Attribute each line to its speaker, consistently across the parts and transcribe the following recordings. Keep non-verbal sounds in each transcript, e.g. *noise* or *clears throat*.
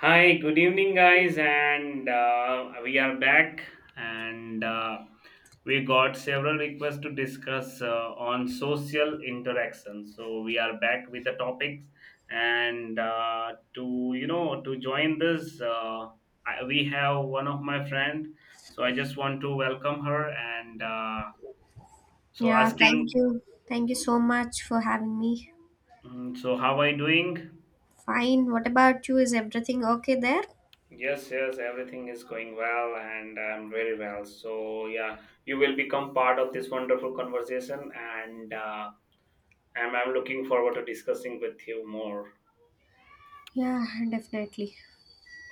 Speaker 1: Hi, good evening, guys, and we are back, and we got several requests to discuss on social interaction. So we are back with the topics, and to you know to join this, we have one of my friend. So I just want to welcome her, and so
Speaker 2: Yeah, thank
Speaker 1: asking,
Speaker 2: you. Thank you so much for having me.
Speaker 1: so how are you doing?
Speaker 2: Fine. What about you? Is everything okay there?
Speaker 1: Yes, yes, everything is going well and I'm very well. So, yeah, you will become part of this wonderful conversation and I'm looking forward to discussing with you more.
Speaker 2: Yeah, definitely.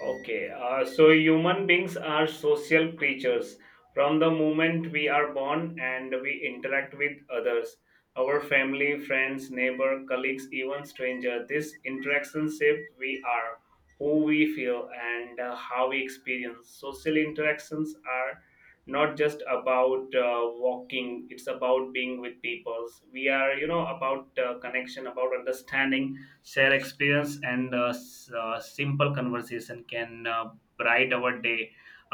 Speaker 1: Okay, so human beings are social creatures. From the moment we are born and we interact with others, our family, friends, neighbor, colleagues, even stranger, this interaction shape we are, who we feel, and how we experience. Social interactions are not just about walking; it's about being with people. We are, about connection, about understanding share experience and simple conversation can bright our day.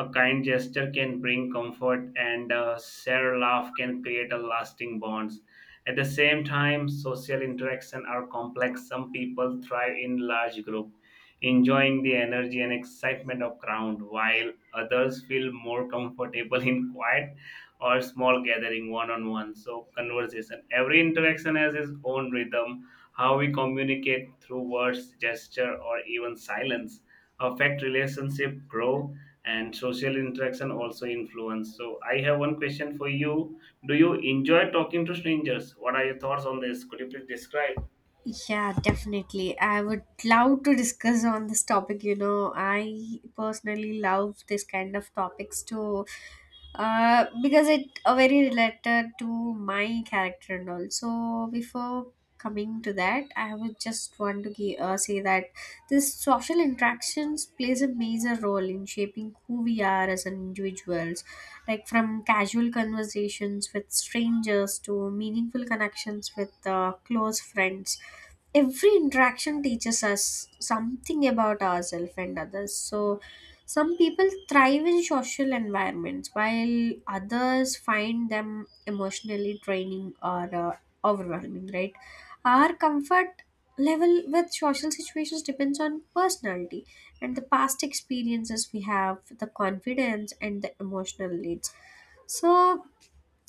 Speaker 1: A kind gesture can bring comfort and a shared laugh can create a lasting bonds. At the same time, social interaction are complex. Some people thrive in large group, enjoying the energy and excitement of crowd, while others feel more comfortable *laughs* in quiet or small gathering, one on one. So conversation, every interaction has its own rhythm. How we communicate through words, gesture, or even silence affect relationship grow and social interaction also influence. So I have one question for you. Do you enjoy talking to strangers? What are your thoughts on this? Could you please describe?
Speaker 2: I would love to discuss on this topic. You know, I personally love this kind of topics too, because it are very related to my character and all. So before coming to that, I would just want to say that this social interactions plays a major role in shaping who we are as individuals. Like from casual conversations with strangers to meaningful connections with close friends, every interaction teaches us something about ourselves and others. So some people thrive in social environments while others find them emotionally draining or overwhelming, right? Our comfort level with social situations depends on personality and the past experiences we have, the confidence and the emotional needs. So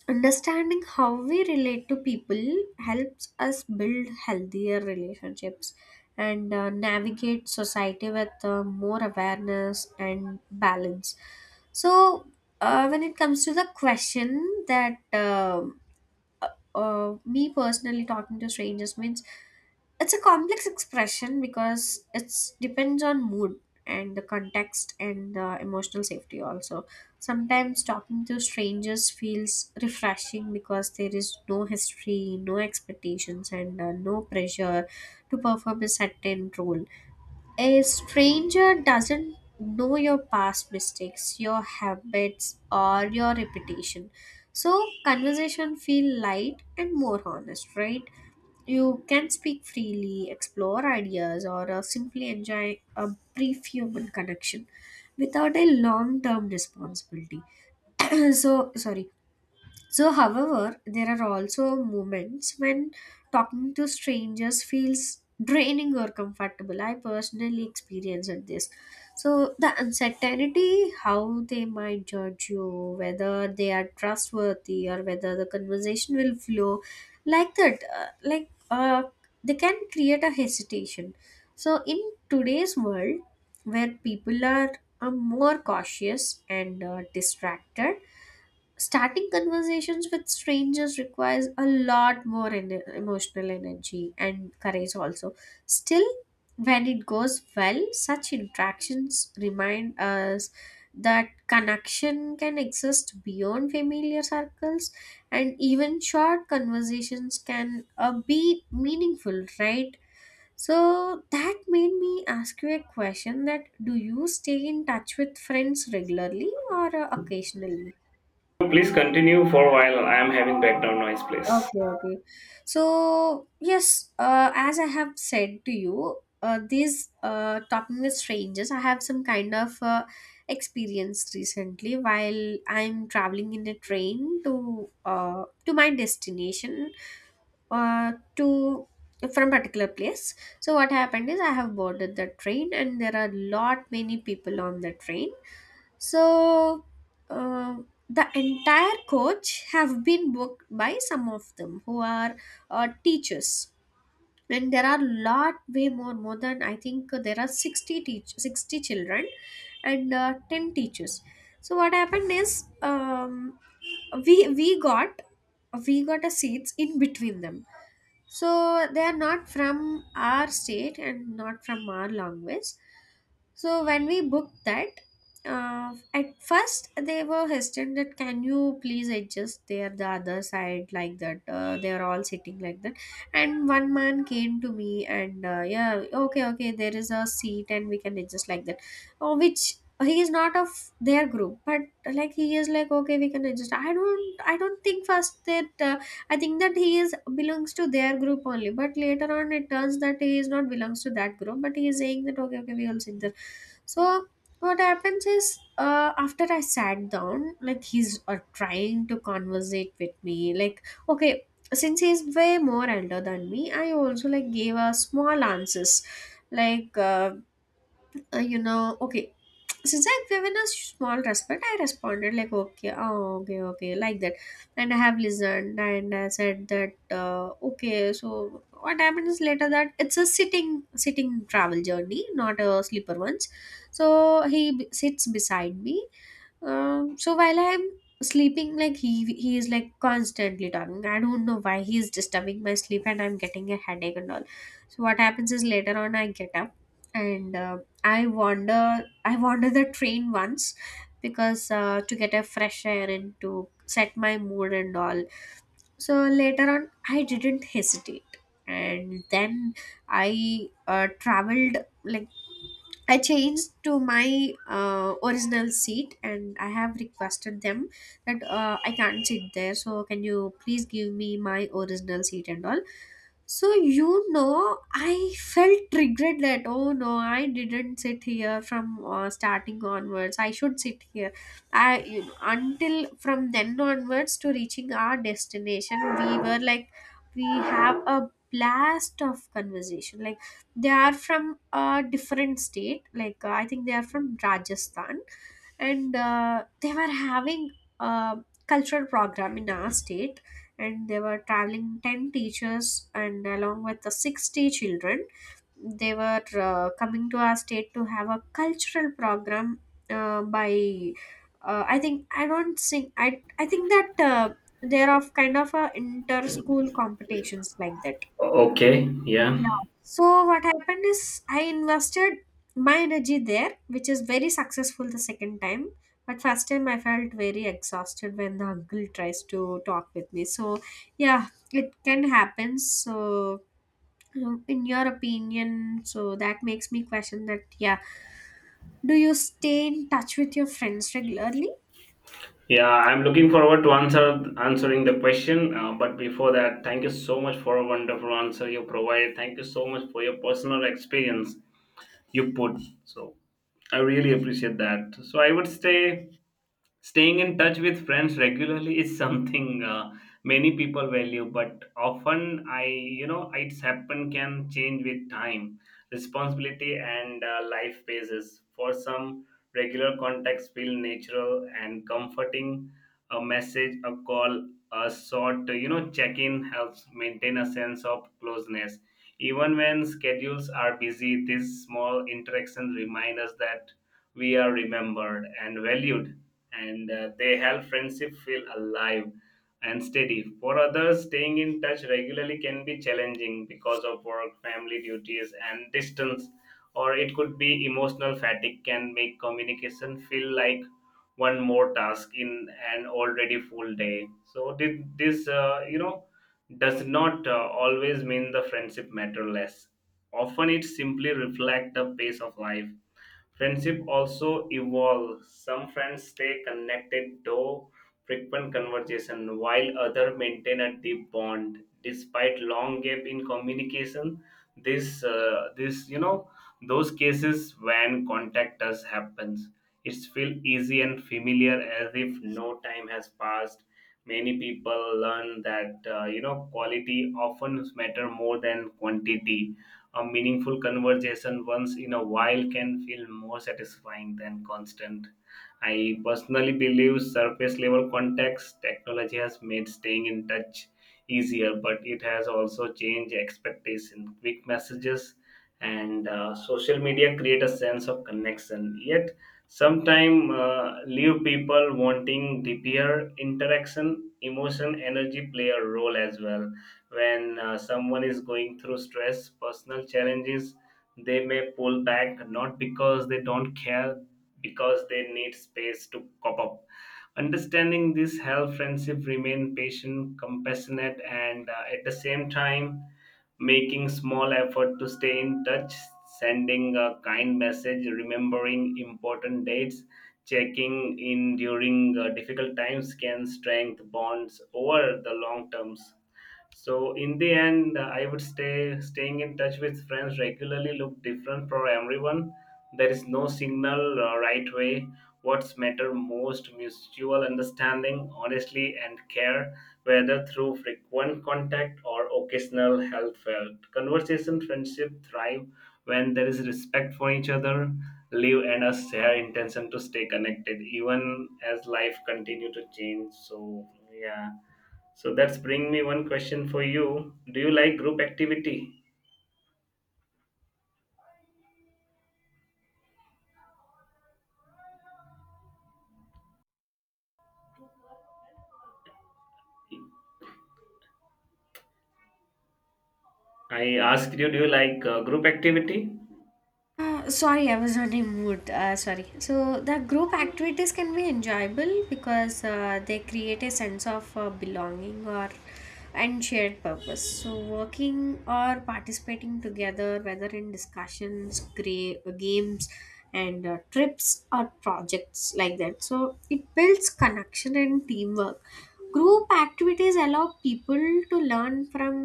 Speaker 2: understanding how we relate to people helps us build healthier relationships and navigate society with more awareness and balance. So when it comes to the question that uh, me personally, talking to strangers means it's a complex expression because it depends on mood and the context and the emotional safety also. Sometimes talking to strangers feels refreshing because there is no history, no expectations, and no pressure to perform a certain role. A stranger doesn't know your past mistakes, your habits, or your reputation. So conversation feel light and more honest, right? You can speak freely, explore ideas, or simply enjoy a brief human connection without a long term responsibility. *clears throat* So, sorry. So, however, there are also moments when talking to strangers feels draining or comfortable. I personally experienced this. So the uncertainty, how they might judge you, whether they are trustworthy or whether the conversation will flow, like that, they can create a hesitation. So, in today's world where people are more cautious and distracted, starting conversations with strangers requires a lot more emotional energy and courage also. Still, when it goes well, such interactions remind us that connection can exist beyond familiar circles, and even short conversations can be meaningful, right? So that made me ask you a question, that do you stay in touch with friends regularly or occasionally?
Speaker 1: Please continue for a while. I am having background noise, please.
Speaker 2: Okay, okay. So, yes, as I have said to you, these talking with strangers, I have some kind of experience recently while I'm traveling in a train to my destination to from particular place. So what happened is I have boarded the train and there are lot many people on the train. So uh, the entire coach have been booked by some of them who are teachers, and there are lot way more than I think there are 60 children, and ten teachers. So what happened is we we got we got a seats in between them. So they are not from our state and not from our language. So when we booked that, at first they were hesitant that, can you please adjust there the other side, like that, they are all sitting like that. And one man came to me and yeah, okay, okay, there is a seat and we can adjust like that. Oh, which he is not of their group, but like he is like, okay, we can adjust. I don't think first that I think that he is belongs to their group only, but later on it turns that he is not belongs to that group, but he is saying that okay, okay, we all sit there. So what happens is, after I sat down, like he's trying to conversate with me, like, okay, since he's way more elder than me, I also like gave a small answers, like. You know, okay. Since I've given a small respect, I responded like, okay, oh, okay, okay, like that. And I have listened and I said that, okay, so what happens later that it's a sitting travel journey, not a sleeper ones. So he sits beside me. So while I'm sleeping, like he is like constantly talking. I don't know why he is disturbing my sleep, and I'm getting a headache and all. So what happens is later on I get up and I wander the train once because to get a fresh air and to set my mood and all. So later on I didn't hesitate, and then I traveled like, I changed to my original seat and I have requested them that I can't sit there. So, can you please give me my original seat and all? So, you know, I felt triggered that, oh no, I didn't sit here from starting onwards. I should sit here. I, you know, until from then onwards to reaching our destination, we were like, we have a blast of conversation. Like they are from a different state. Like I think they are from Rajasthan, and they were having a cultural program in our state, and they were traveling 10 teachers and along with the 60 children. They were coming to our state to have a cultural program by I think I don't think I think that they're of kind of a inter school competitions like that.
Speaker 1: Okay, yeah.
Speaker 2: Yeah. So what happened is I invested my energy there, which is very successful the second time. But first time I felt very exhausted when the uncle tries to talk with me. So yeah, it can happen. So in your opinion, so that makes me question that, yeah, do you stay in touch with your friends regularly?
Speaker 1: Yeah, I'm looking forward to answering the question. But before that, thank you so much for a wonderful answer you provided. Thank you so much for your personal experience you put. So I really appreciate that. So I would say, staying in touch with friends regularly is something many people value, but often it's happen can change with time, responsibility, and life phases. For some, regular contacts feel natural and comforting. A message, a call, a short, check-in helps maintain a sense of closeness. Even when schedules are busy, these small interactions remind us that we are remembered and valued, and they help friendship feel alive and steady. For others, staying in touch regularly can be challenging because of work, family duties, and distance, or it could be emotional fatigue can make communication feel like one more task in an already full day. So this does not always mean the friendship matter less. Often, it simply reflects the pace of life. Friendship also evolve. Some friends stay connected though frequent conversation, while others maintain a deep bond despite long gap in communication. This, uh, this, you know, those cases when contact does happens, it's feel easy and familiar as if no time has passed. Many people learn that quality often matter more than quantity. A meaningful conversation once in a while can feel more satisfying than constant. I personally believe surface level context technology has made staying in touch easier, but it has also changed expectation. Quick messages and social media create a sense of connection. Yet, sometimes leave people wanting deeper interaction. Emotion, energy play a role as well. When someone is going through stress, personal challenges, they may pull back not because they don't care, because they need space to cop up. Understanding this helps friendship remain patient, compassionate, and at the same time making small effort to stay in touch, sending a kind message, remembering important dates, checking in during difficult times can strengthen bonds over the long terms. So in the end, I would staying in touch with friends regularly look different for everyone. There is no single right way. What's matter most mutual understanding, honestly, and care, whether through frequent contact or occasional heartfelt conversation. Friendship thrive when there is respect for each other. Live and a share intention to stay connected, even as life continue to change. So yeah, so that's bring me one question for you. Do you like group activity? I asked you, do you like group activity?
Speaker 2: Sorry, I was not in mood. Sorry. So the group activities can be enjoyable because they create a sense of belonging or and shared purpose. So working or participating together, whether in discussions, games, and trips or projects, like that. So it builds connection and teamwork. Group activities allow people to learn from,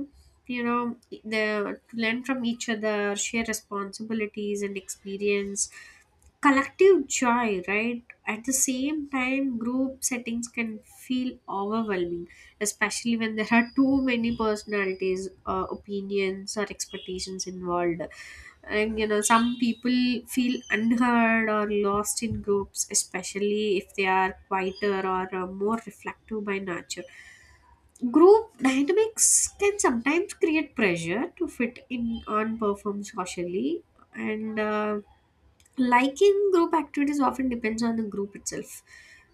Speaker 2: you know, the to learn from each other, share responsibilities and experience collective joy, right? At the same time, group settings can feel overwhelming, especially when there are too many personalities, opinions or expectations involved. And you know, some people feel unheard or lost in groups, especially if they are quieter or more reflective by nature. Group dynamics can sometimes create pressure to fit in and perform socially, and liking group activities often depends on the group itself.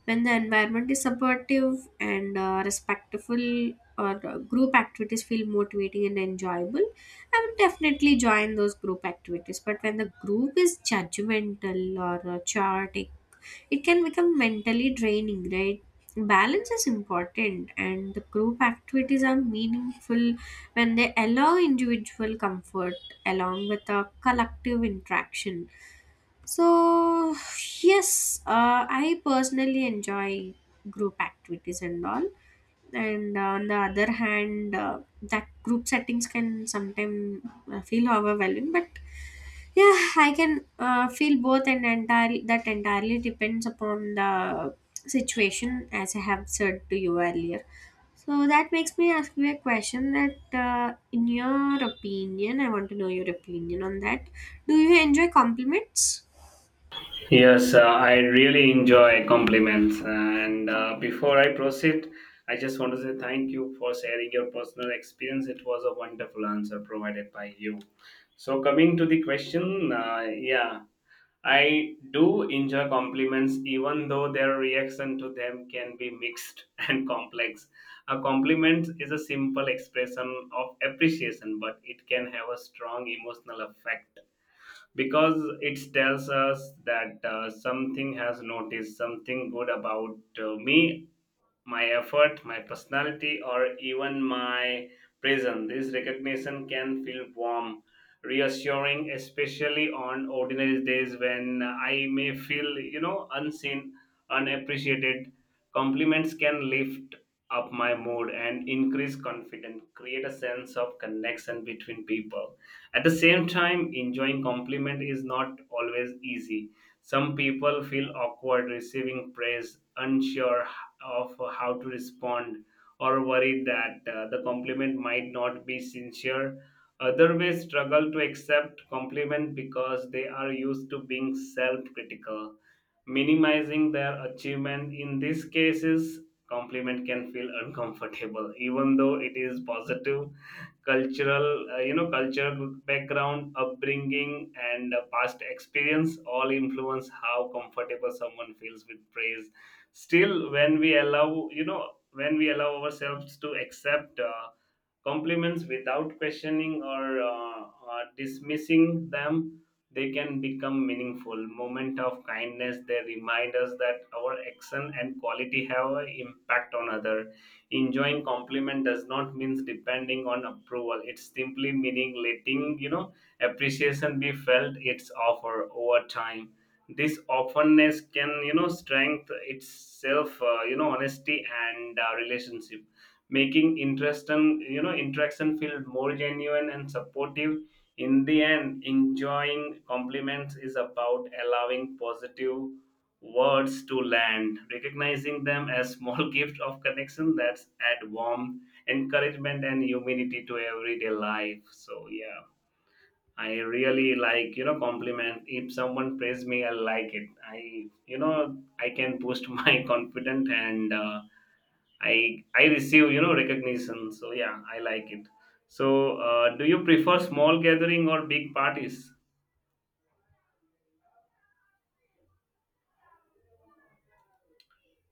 Speaker 2: When the environment is supportive and respectful, or group activities feel motivating and enjoyable, I would definitely join those group activities. But when the group is judgmental or chaotic, it can become mentally draining, right? Balance is important, and the group activities are meaningful when they allow individual comfort along with a collective interaction. So, yes, I personally enjoy group activities and all. And on the other hand, that group settings can sometimes feel overwhelming, but yeah, I can feel both, and entirely depends upon the situation, as I have said to you earlier. So that makes me ask you a question that, in your opinion, I want to know your opinion on that. Do you enjoy compliments?
Speaker 1: Yes, I really enjoy compliments. And before I proceed, I just want to say thank you for sharing your personal experience. It was a wonderful answer provided by you. So, coming to the question, yeah, I do enjoy compliments, even though their reaction to them can be mixed *laughs* and complex. A compliment is a simple expression of appreciation, but it can have a strong emotional effect because it tells us that something has noticed something good about me, my effort, my personality, or even my presence. This recognition can feel warm, reassuring, especially on ordinary days when I may feel, unseen, unappreciated. Compliments can lift up my mood and increase confidence, create a sense of connection between people. At the same time, enjoying compliment is not always easy. Some people feel awkward receiving praise, unsure of how to respond or worried that the compliment might not be sincere. Other may struggle to accept compliment because they are used to being self-critical, minimizing their achievement. In these cases, compliment can feel uncomfortable, even though it is positive. Cultural cultural background, upbringing, and past experience all influence how comfortable someone feels with praise. Still, when we allow ourselves to accept compliments without questioning or dismissing them, they can become meaningful moment of kindness. They remind us that our action and quality have an impact on other. Enjoying compliment does not mean depending on approval. It's simply meaning letting appreciation be felt its offer over time. This openness can strength itself, honesty and relationship, making interest and interaction feel more genuine and supportive. In the end, enjoying compliments is about allowing positive words to land, recognizing them as small *laughs* gift of connection that's add warmth, encouragement, and humanity to everyday life. So yeah, I really like compliment. If someone praise me, I like it. I I can boost *laughs* my confidence and I receive recognition. So yeah, I like it. So do you prefer small gathering or big parties?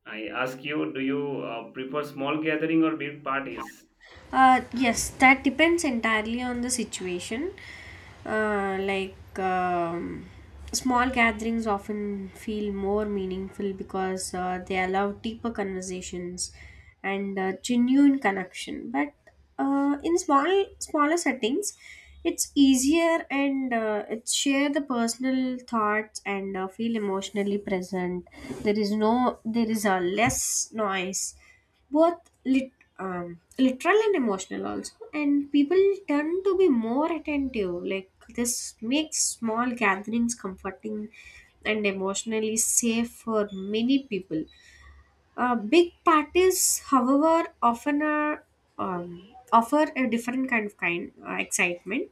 Speaker 1: I ask you, do you prefer small gathering or big parties?
Speaker 2: Yes, that depends entirely on the situation. Uh, like um, small gatherings often feel more meaningful because they allow deeper conversations and genuine connection. But in smaller settings, it's easier and it's share the personal thoughts and feel emotionally present. There is no there is a less noise, both lit, literal and emotional also, and people tend to be more attentive. Like this makes small gatherings comforting and emotionally safe for many people. Big parties, however, often are, offer a different kind of kind excitement.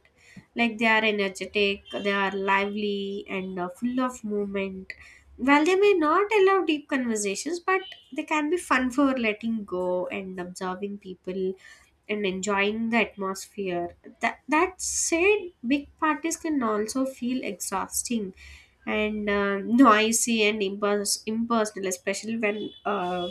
Speaker 2: Like they are energetic, they are lively, and full of movement. While they may not allow deep conversations, but they can be fun for letting go and observing people and enjoying the atmosphere. That said, big parties can also feel exhausting and *laughs* noisy and impersonal, especially when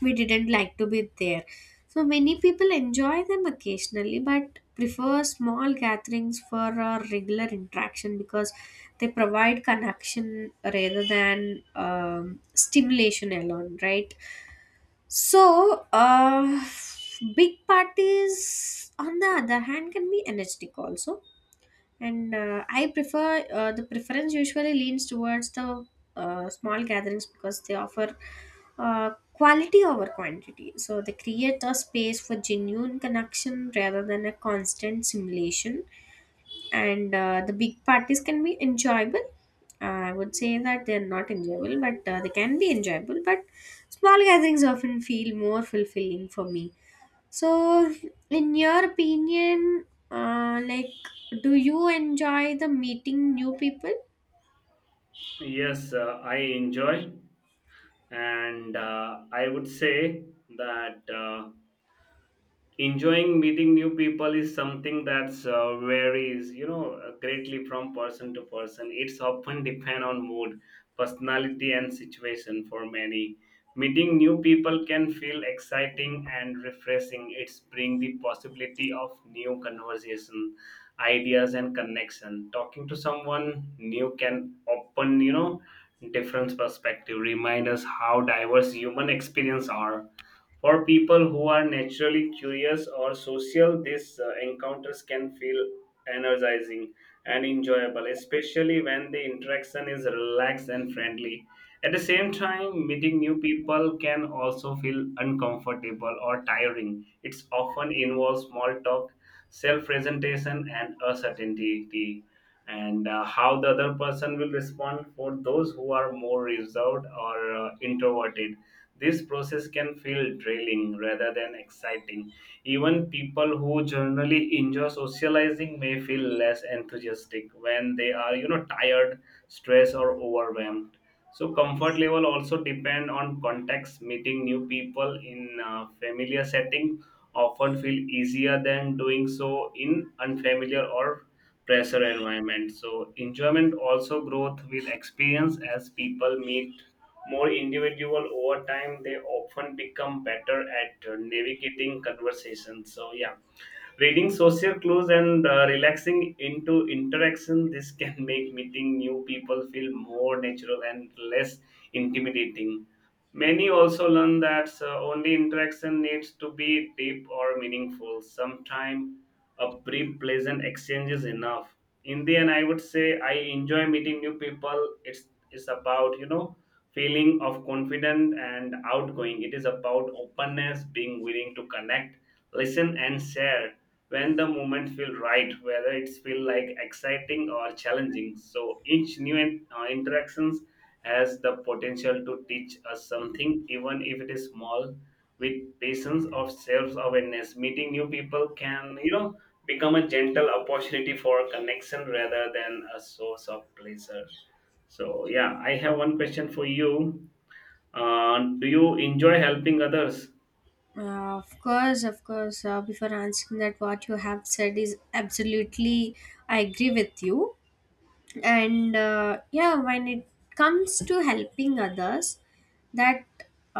Speaker 2: we didn't like to be there. So many people enjoy them occasionally, but prefer small gatherings for a regular interaction because they provide connection rather than stimulation alone, right? So, big parties, on the other hand, can be energetic also. And I prefer, the preference usually leans towards the small gatherings because they offer quality over quantity. So, they create a space for genuine connection rather than a constant simulation. And the big parties can be enjoyable. I would say that they're not enjoyable, but they can be enjoyable, but small gatherings often feel more fulfilling for me. So in your opinion, like, do you enjoy the meeting new people?
Speaker 1: Yes, I enjoy, and I would say that. Enjoying meeting new people is something that's varies greatly from person to person. It's often *laughs* depend on mood, personality, and situation. For many, meeting new people can feel exciting and refreshing. It's bring the possibility of new conversation, ideas, and connection. Talking to someone new can open different perspective, remind us how diverse human experience are. For people who are naturally curious or social, these encounters can feel energizing and enjoyable, especially when the interaction is relaxed and friendly. At the same time, meeting new people can also feel uncomfortable or tiring. It often involves small talk, self presentation, and uncertainty, and how the other person will respond. For those who are more reserved or introverted, this process can feel drilling rather than exciting. Even people who generally enjoy socializing may feel less enthusiastic when they are, tired, stressed, or overwhelmed. So comfort level also depend on context. Meeting new people in a familiar setting often feel easier than doing so in unfamiliar or pressure environment. So enjoyment also growth with experience. As people meet more individual over time, they often become better at navigating conversations, so yeah, reading social clues and relaxing into interaction. This can *laughs* make meeting new people feel more natural and less intimidating. Many also learn that only interaction needs to be deep or meaningful. Sometimes a brief pleasant exchange is enough. In the end, I would say I enjoy meeting new people. It's about feeling of confident and outgoing. It is about openness, being willing to connect, listen, and share when the moment feel right, whether it's feel like exciting or challenging. So each new interactions has the potential to teach us something, even if it is small. With patience of self-awareness, meeting new people can become a gentle opportunity for connection rather than a source of pleasure. So yeah, I have one question for you. Uh, do you enjoy helping others?
Speaker 2: Of course, of course. Before answering that, what you have said is absolutely, I agree with you. And yeah, when it comes to helping others, that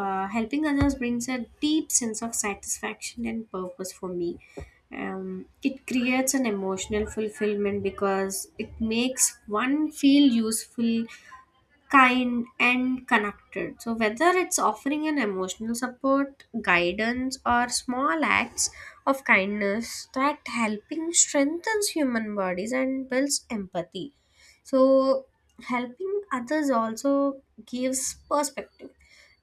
Speaker 2: helping others brings a deep sense of satisfaction and purpose for me. It creates an emotional fulfillment because it makes one feel useful, kind and connected. So whether it's offering an emotional support, guidance or small acts of kindness, that helping strengthens human bodies and builds empathy. So helping others also gives perspective.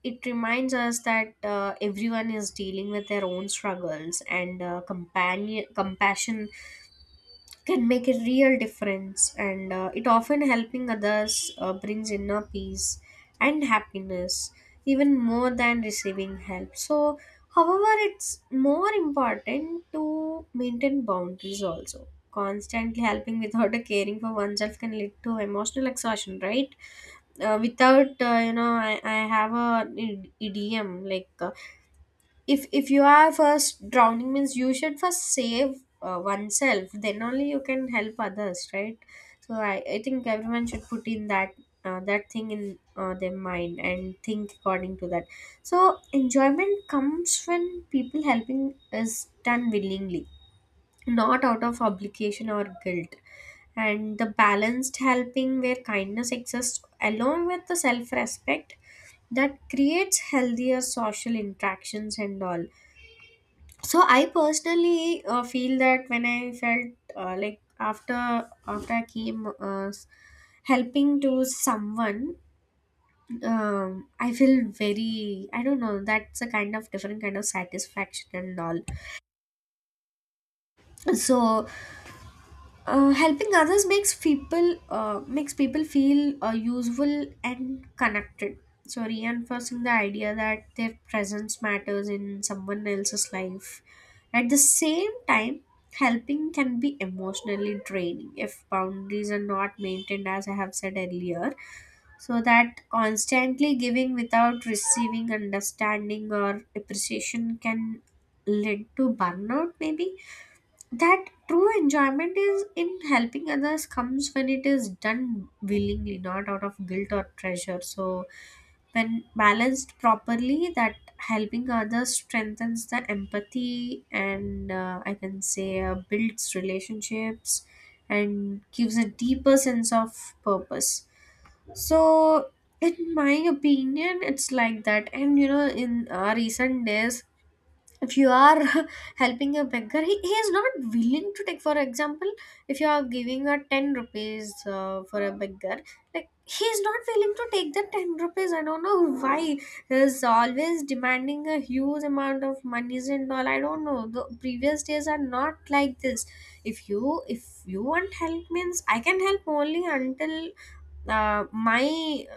Speaker 2: It reminds us that everyone is dealing with their own struggles, and companion, compassion can make a real difference. And it often, helping others, brings inner peace and happiness even more than receiving help. So however, it's more important to maintain boundaries also. Constantly helping without *laughs* a caring for oneself can lead to emotional exhaustion, right? Without, you know, I have a idiom like, if you are first drowning, means you should first save oneself, then only you can help others, right? So I think everyone should put in that, that thing in their mind and think according to that. So enjoyment comes when people helping is done willingly, not out of obligation or guilt, and the balanced helping, where kindness exists along with the self-respect, that creates healthier social interactions and all. So I personally feel that when I felt, like, after I came, helping to someone, I feel very, I don't know, that's a kind of different kind of satisfaction and all. So helping others makes people, makes people feel useful and connected. So reinforcing the idea that their presence matters in someone else's life. At the same time, helping can be emotionally draining if boundaries are not maintained, as I have said earlier. So that constantly giving without receiving understanding or appreciation can lead to burnout, maybe that true enjoyment is in helping others, comes when it is done willingly, not out of guilt or treasure. So when balanced properly, that helping others strengthens the empathy, and I can say builds relationships and gives a deeper sense of purpose. So in my opinion, it's like that. And you know, in recent days, if you are *laughs* helping a beggar, he is not willing to take. For example, if you are giving a 10 rupees for a beggar, like, he is not willing to take the 10 rupees. I don't know why he is always demanding a huge amount of monies and all. I don't know, the previous days are not like this. If you want help, means I can help only until my,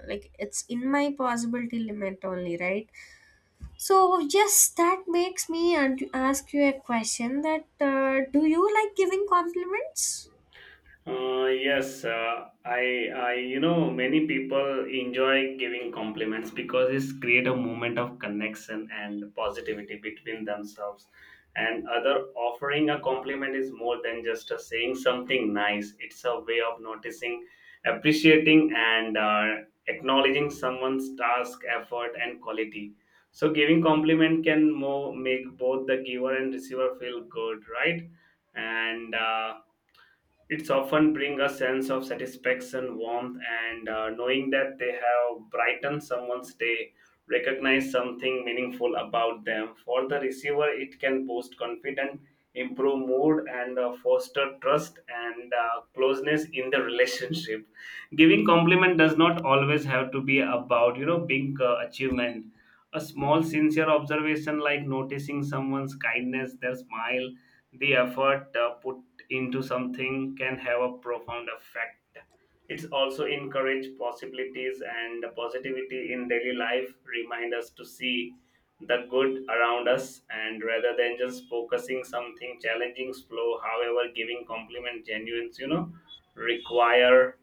Speaker 2: like, it's in my possibility limit only, right? So yes, that makes me and ask you a question. That do you like giving compliments?
Speaker 1: Yes, many people enjoy giving compliments because it's create a moment of connection and positivity between themselves and other. Offering a compliment is more than just a saying something nice. It's a way of noticing, appreciating, and acknowledging someone's task, effort, and quality. So, giving compliment can more make both the giver and receiver feel good, right? And it's often bring a sense of satisfaction, warmth, and knowing that they have brightened someone's day, recognize something meaningful about them. For the receiver, it can boost confidence, improve mood, and foster trust and closeness in the relationship. Giving compliment does not always have to be about big achievement. A small sincere observation like noticing someone's kindness, their smile, the effort put into something can have a profound effect. It's also encourage possibilities and positivity in daily life, remind us to see the good around us and rather than just focusing something challenging slow. However, giving compliment genuines require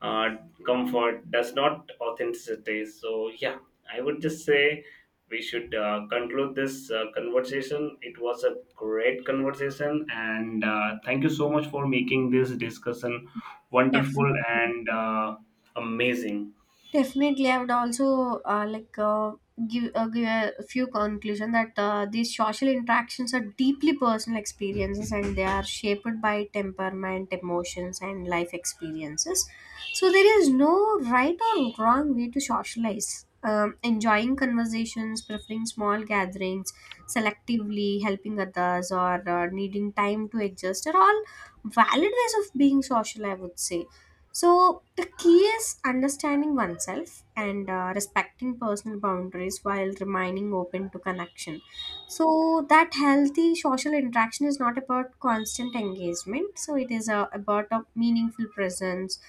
Speaker 1: uh, comfort does not authenticity. So yeah, I would just say we should conclude this conversation. It was a great conversation and thank you so much for making this discussion wonderful
Speaker 2: Definitely.
Speaker 1: and amazing.
Speaker 2: Definitely, I would also like give, give a few conclusion that these social interactions are deeply personal experiences and they are shaped by temperament, emotions, and life experiences. So there is no right or wrong way to socialize. Enjoying conversations, preferring small gatherings, selectively helping others, or needing time to adjust are all valid ways of being social, I would say. So the key is understanding oneself and respecting personal boundaries while remaining open to connection. So that healthy social interaction is not about constant engagement, so it is about a meaningful presence,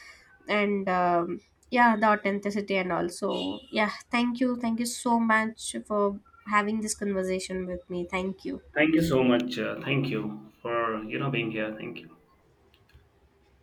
Speaker 2: and yeah, the authenticity, and also, yeah, thank you. Thank you so much for having this conversation with me. Thank you.
Speaker 1: Thank you so much, thank you for being here. Thank you.